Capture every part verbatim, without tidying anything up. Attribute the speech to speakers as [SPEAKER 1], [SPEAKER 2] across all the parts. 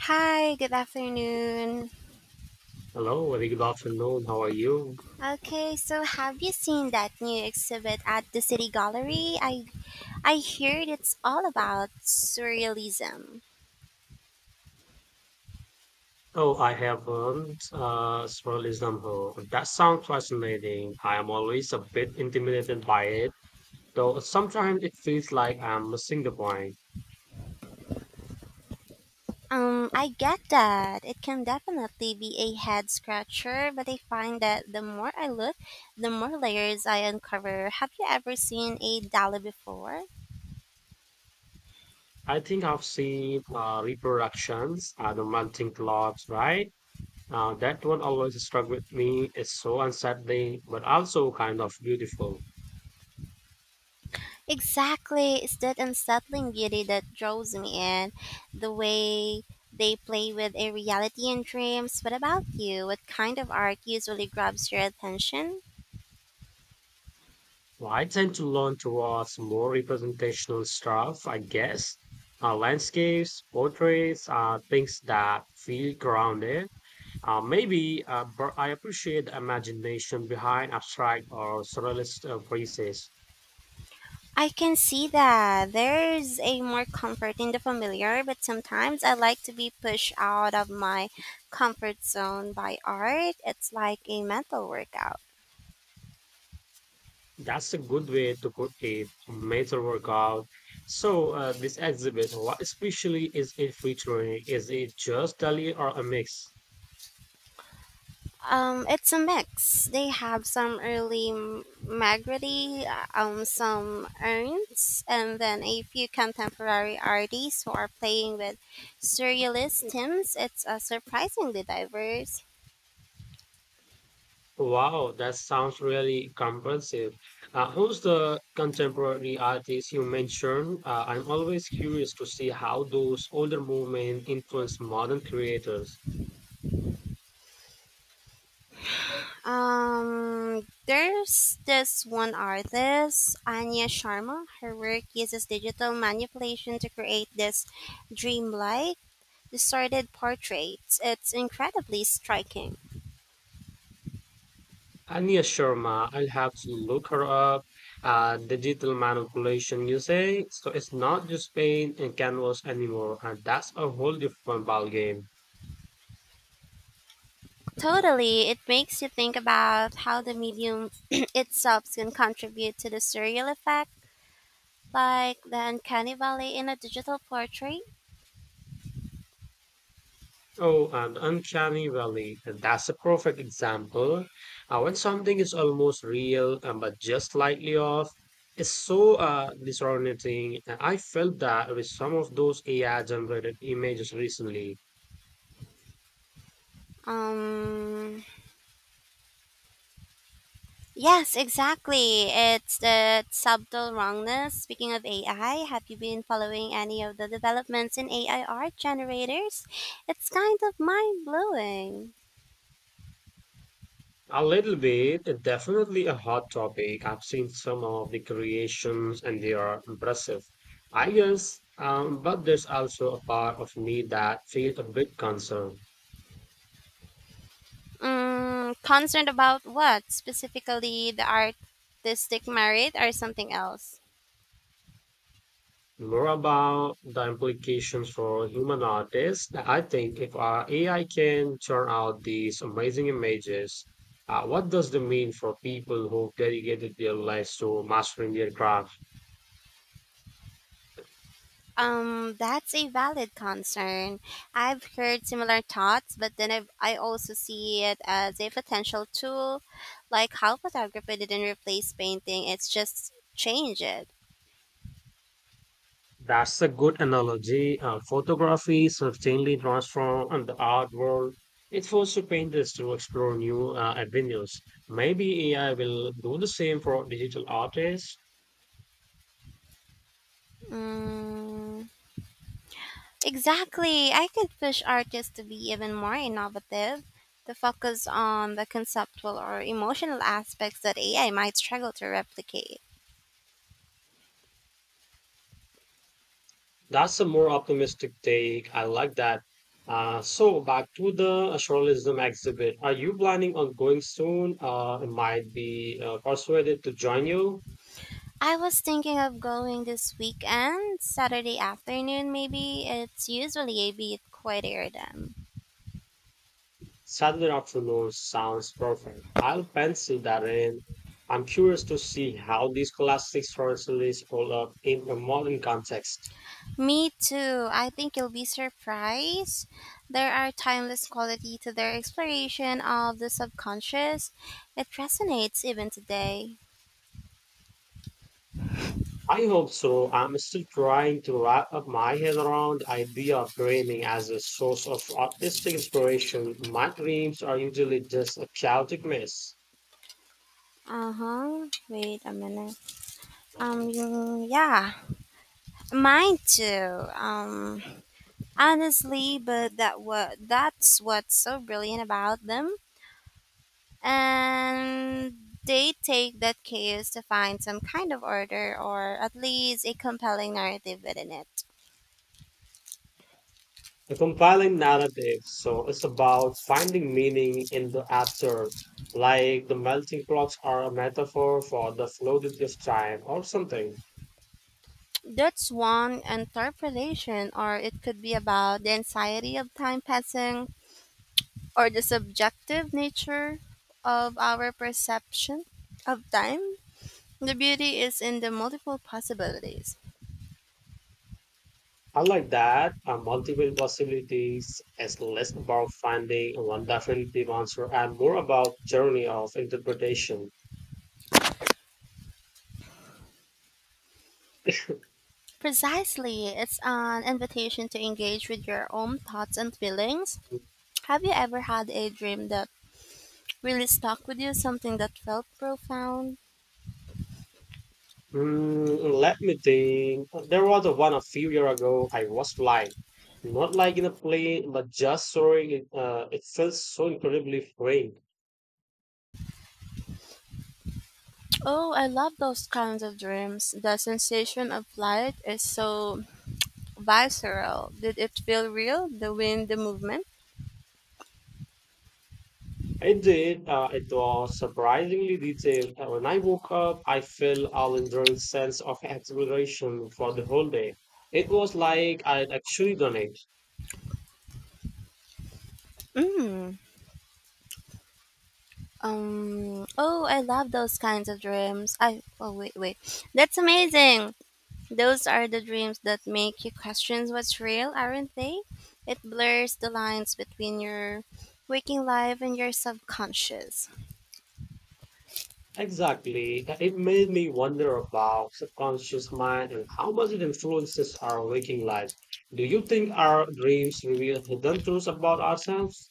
[SPEAKER 1] Hi, good afternoon.
[SPEAKER 2] Hello, very good afternoon. How are you?
[SPEAKER 1] Okay, so have you seen that new exhibit at the City Gallery? I I heard it's all about surrealism.
[SPEAKER 2] Oh, I haven't. Uh, surrealism, huh? That sounds fascinating. I am always a bit intimidated by it, though sometimes it feels like I'm missing the point.
[SPEAKER 1] Um, I get that. It can definitely be a head scratcher, but I find that the more I look, the more layers I uncover. Have you ever seen a Dali before?
[SPEAKER 2] I think I've seen uh, reproductions, uh, the melting clocks, right? Uh, that one always struck with me. It's so unsettling, but also kind of beautiful.
[SPEAKER 1] Exactly, it's that unsettling beauty that draws me in. The way they play with a reality and dreams. What about you? What kind of art usually grabs your attention?
[SPEAKER 2] Well, I tend to lean towards more representational stuff, I guess. Uh, landscapes, portraits, uh, things that feel grounded. Uh, maybe uh, but I appreciate the imagination behind abstract or surrealist uh, pieces.
[SPEAKER 1] I can see that there's a more comfort in the familiar, but sometimes I like to be pushed out of my comfort zone by art. It's like a mental workout.
[SPEAKER 2] That's a good way to put it, major workout. So, uh, this exhibit, what especially is it featuring? Is it just Dali or a mix?
[SPEAKER 1] Um, it's a mix. They have some early M- Magritte, um, some Ernst, and then a few contemporary artists who are playing with surrealist themes. It's uh, surprisingly diverse.
[SPEAKER 2] Wow, that sounds really comprehensive. Uh, who's the contemporary artist you mentioned? Uh, I'm always curious to see how those older movements influence modern creators.
[SPEAKER 1] Um, there's this one artist, Anya Sharma. Her work uses digital manipulation to create this dreamlike, distorted portraits. It's incredibly striking.
[SPEAKER 2] Anya Sharma, I'll have to look her up. Uh, digital manipulation, you say? So it's not just paint and canvas anymore, and that's a whole different ballgame.
[SPEAKER 1] Totally, it makes you think about how the medium itself can contribute to the surreal effect, like the uncanny valley in a digital portrait.
[SPEAKER 2] Oh, and uncanny valley. And That's a perfect example. Uh, when something is almost real um, but just slightly off, it's so uh, disorienting. And I felt that with some of those A I generated images recently.
[SPEAKER 1] Um, yes, exactly. It's the subtle wrongness. Speaking of A I, have you been following any of the developments in A I art generators? It's kind of mind blowing.
[SPEAKER 2] A little bit, uh, definitely a hot topic. I've seen some of the creations and they are impressive, I guess. Um, but there's also a part of me that feels a bit concerned.
[SPEAKER 1] Mm, concerned about what specifically the artistic merit or something else?
[SPEAKER 2] More about the implications for human artists. I think if our A I can churn out these amazing images, uh, what does that mean for people who've dedicated their lives to mastering their craft?
[SPEAKER 1] Um, that's a valid concern. I've heard similar thoughts, but then I've, I also see it as a potential tool, like how photography didn't replace painting, it's just change it.
[SPEAKER 2] That's a good analogy. Uh, photography certainly transformed the art world. It forced painters to explore new uh, avenues. Maybe A I will do the same for digital artists.
[SPEAKER 1] Mm, exactly. I could push artists to be even more innovative, to focus on the conceptual or emotional aspects that A I might struggle to replicate.
[SPEAKER 2] That's a more optimistic take. I like that. Uh, so back to the astralism exhibit. Are you planning on going soon? Uh, I might be uh, persuaded to join you.
[SPEAKER 1] I was thinking of going this weekend, Saturday afternoon maybe. It's usually a bit quieter than.
[SPEAKER 2] Saturday afternoon sounds perfect. I'll pencil that in. I'm curious to see how these classic stories hold up in a modern context.
[SPEAKER 1] Me too. I think you'll be surprised. There are timeless quality to their exploration of the subconscious. It resonates even today.
[SPEAKER 2] I hope so. I'm still trying to wrap up my head around the idea of dreaming as a source of artistic inspiration. My dreams are usually just a chaotic mess,
[SPEAKER 1] Uh-huh. Wait a minute. Um yeah. Mine too. Um honestly, but that what that's what's so brilliant about them. And They take that chaos to find some kind of order or at least a compelling narrative within it.
[SPEAKER 2] a compiling narrative. So it's about finding meaning in the absurd, like the melting clocks are a metaphor for the fluidity of time or something.
[SPEAKER 1] That's one interpretation, or it could be about the anxiety of time passing or the subjective nature of our perception of time. The beauty is in the multiple possibilities.
[SPEAKER 2] I like that. Uh, multiple possibilities is less about finding one definitive answer and more about journey of interpretation.
[SPEAKER 1] Precisely, it's an invitation to engage with your own thoughts and feelings. Have you ever had a dream that really stuck with you, something that felt profound?
[SPEAKER 2] Mm, let me think. There was a one a few year ago. I was flying, not like in a plane, but just soaring. It, uh, it felt so incredibly freeing.
[SPEAKER 1] Oh, I love those kinds of dreams. The sensation of flight is so visceral. Did it feel real? The wind, the movement?
[SPEAKER 2] It did. Uh, it was surprisingly detailed. Uh, When I woke up, I felt all enduring sense of exhilaration for the whole day. It was like I'd actually done it.
[SPEAKER 1] Mm. Um. Oh, I love those kinds of dreams. I. Oh, wait, wait. That's amazing. Those are the dreams that make you question what's real, aren't they? It blurs the lines between your waking life and your subconscious.
[SPEAKER 2] Exactly. Uh, it made me wonder about subconscious mind and how much it influences our waking lives. Do you think our dreams reveal hidden truths about ourselves?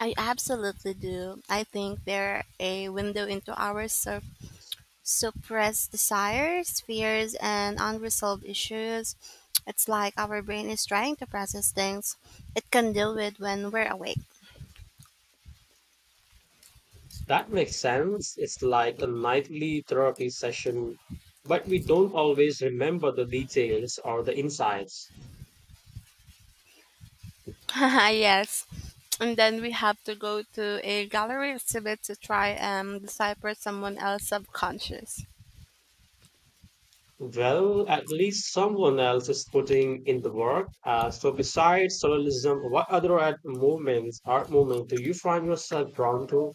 [SPEAKER 1] I absolutely do. I think they're a window into our sup- suppressed desires, fears, and unresolved issues. It's like our brain is trying to process things it can deal with when we're awake.
[SPEAKER 2] That makes sense. It's like a nightly therapy session, but we don't always remember the details or the insights.
[SPEAKER 1] Yes. And then we have to go to a gallery exhibit to try and decipher someone else's subconscious.
[SPEAKER 2] Well, at least someone else is putting in the work. Uh, so, besides surrealism, what other art movements, art movement, do you find yourself drawn to?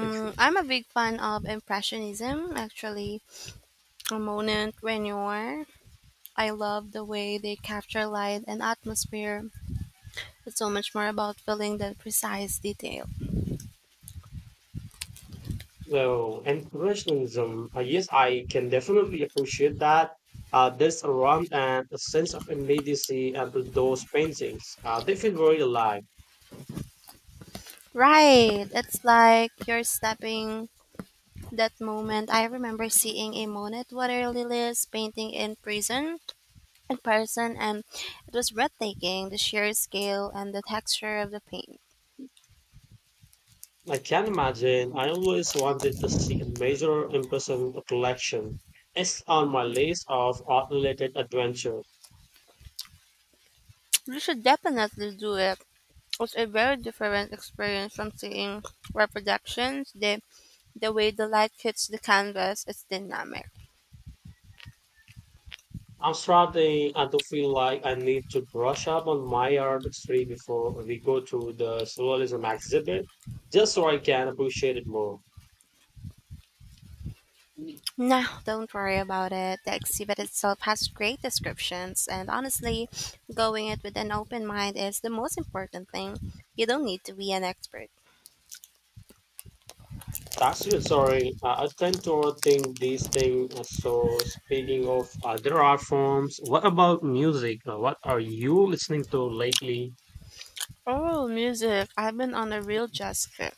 [SPEAKER 2] It's-
[SPEAKER 1] I'm a big fan of Impressionism, actually. A moment, Renoir, I love the way they capture light and atmosphere. It's so much more about feeling than precise detail.
[SPEAKER 2] Well, impressionism. Uh, yes, I can definitely appreciate that. Uh, there's a warmth and a sense of immediacy at those paintings. Uh, they feel very alive.
[SPEAKER 1] Right. It's like you're stepping that moment. I remember seeing a Monet water lilies painting in prison in person and it was breathtaking, the sheer scale and the texture of the paint.
[SPEAKER 2] I can imagine. I always wanted to see a major in-person collection. It's on my list of art-related adventures.
[SPEAKER 1] You should definitely do it. It's a very different experience from seeing reproductions. The the way the light hits the canvas is dynamic.
[SPEAKER 2] I'm starting uh, to feel like I need to brush up on my artistry before we go to the surrealism exhibit, just so I can appreciate it more.
[SPEAKER 1] No, don't worry about it. The exhibit itself has great descriptions, and honestly, going it with an open mind is the most important thing. You don't need to be an expert.
[SPEAKER 2] That's reassuring. Uh, I tend to overthink these things. Uh, So, speaking of other art forms, what about music? Uh, What are you listening to lately?
[SPEAKER 1] Oh, music. I've been on a real jazz kick.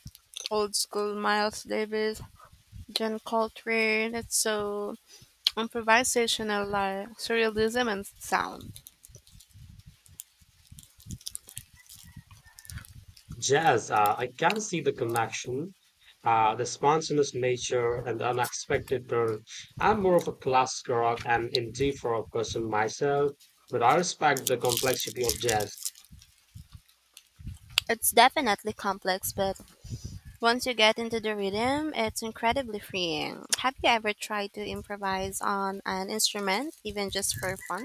[SPEAKER 1] Old school Miles Davis, John Coltrane. It's so improvisational, like surrealism and sound.
[SPEAKER 2] Jazz, uh, I can see the connection, uh, the spontaneous nature and the unexpected turn. I'm more of a classical rock and indie folk person myself, but I respect the complexity of jazz.
[SPEAKER 1] It's definitely complex, but once you get into the rhythm, it's incredibly freeing. Have you ever tried to improvise on an instrument, even just for fun?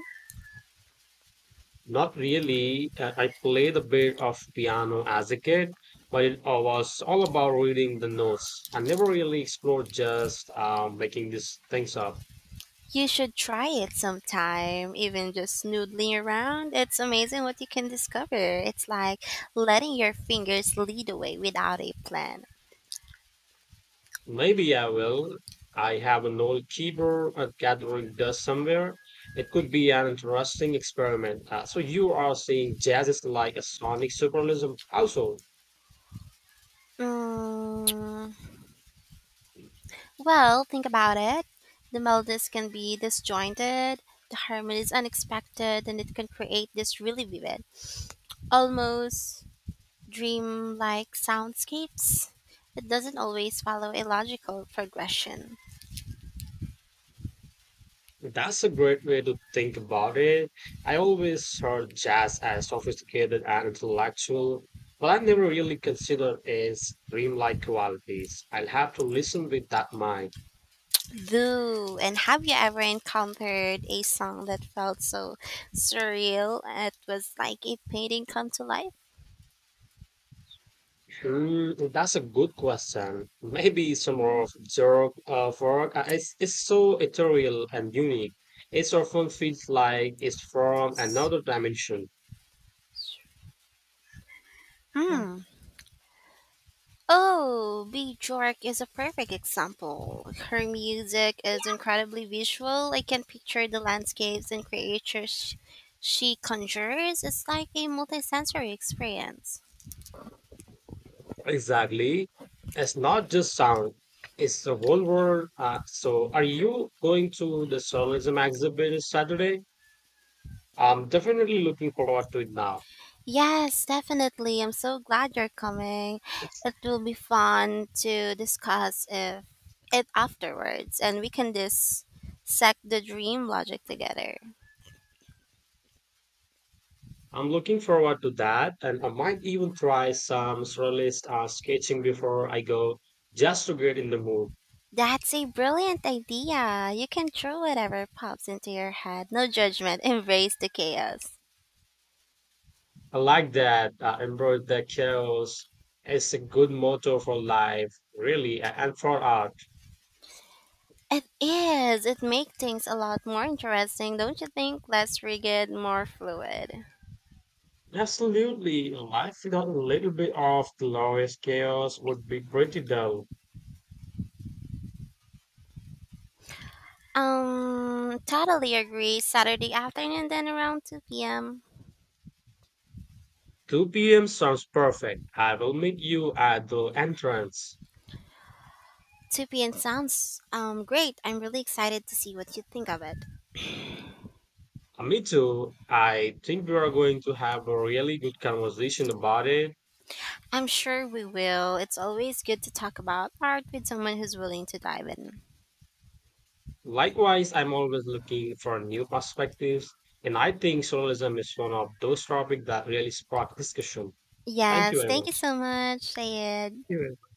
[SPEAKER 2] Not really. Uh, I played a bit of piano as a kid, but it all was all about reading the notes. I never really explored just um, making these things up.
[SPEAKER 1] You should try it sometime, even just noodling around. It's amazing what you can discover. It's like letting your fingers lead the way without a plan.
[SPEAKER 2] Maybe I will. I have an old keyboard uh, gathering dust somewhere. It could be an interesting experiment. Uh, so you are saying jazz is like a sonic surrealism household.
[SPEAKER 1] Mm, well, think about it. The melodies can be disjointed, the harmonies unexpected, and it can create this really vivid, almost dreamlike soundscapes. It doesn't always follow a logical progression.
[SPEAKER 2] That's a great way to think about it. I always heard jazz as sophisticated and intellectual, but I never really considered its dreamlike qualities. I'll have to listen with that mind.
[SPEAKER 1] Boo! And have you ever encountered a song that felt so surreal it was like a painting come to life?
[SPEAKER 2] Mm, that's a good question. Maybe some of Zork uh, Fork. Uh, it's, it's so ethereal and unique. It often feels like it's from another dimension.
[SPEAKER 1] Hmm. Oh, Bjork is a perfect example. Her music is incredibly visual. I can picture the landscapes and creatures she conjures. It's like a multisensory experience.
[SPEAKER 2] Exactly. It's not just sound, it's the whole world. Uh, so, are you going to the Surrealism exhibit Saturday? I'm definitely looking forward to it now.
[SPEAKER 1] Yes, definitely. I'm so glad you're coming. It will be fun to discuss if, it afterwards, and we can dissect the dream logic together.
[SPEAKER 2] I'm looking forward to that, and I might even try some surrealist uh, sketching before I go, just to get in the mood.
[SPEAKER 1] That's a brilliant idea. You can throw whatever pops into your head. No judgment. Embrace the chaos.
[SPEAKER 2] I like that. Uh, embrace the chaos is a good motto for life, really, a- and for art.
[SPEAKER 1] It is. It makes things a lot more interesting, don't you think? Less rigid, more fluid.
[SPEAKER 2] Absolutely, life without a little bit of glorious chaos would be pretty dull.
[SPEAKER 1] Um, totally agree. Saturday afternoon, then around two p m
[SPEAKER 2] two p m sounds perfect. I will meet you at the entrance.
[SPEAKER 1] two p m sounds um, great. I'm really excited to see what you think of it.
[SPEAKER 2] Uh, Me too. I think we are going to have a really good conversation about it.
[SPEAKER 1] I'm sure we will. It's always good to talk about art with someone who's willing to dive in.
[SPEAKER 2] Likewise, I'm always looking for new perspectives, and I think journalism is one of those topics that really spark discussion. Thank you
[SPEAKER 1] Yes,
[SPEAKER 2] very
[SPEAKER 1] thank you
[SPEAKER 2] much.
[SPEAKER 1] so much, Sayed.
[SPEAKER 2] You're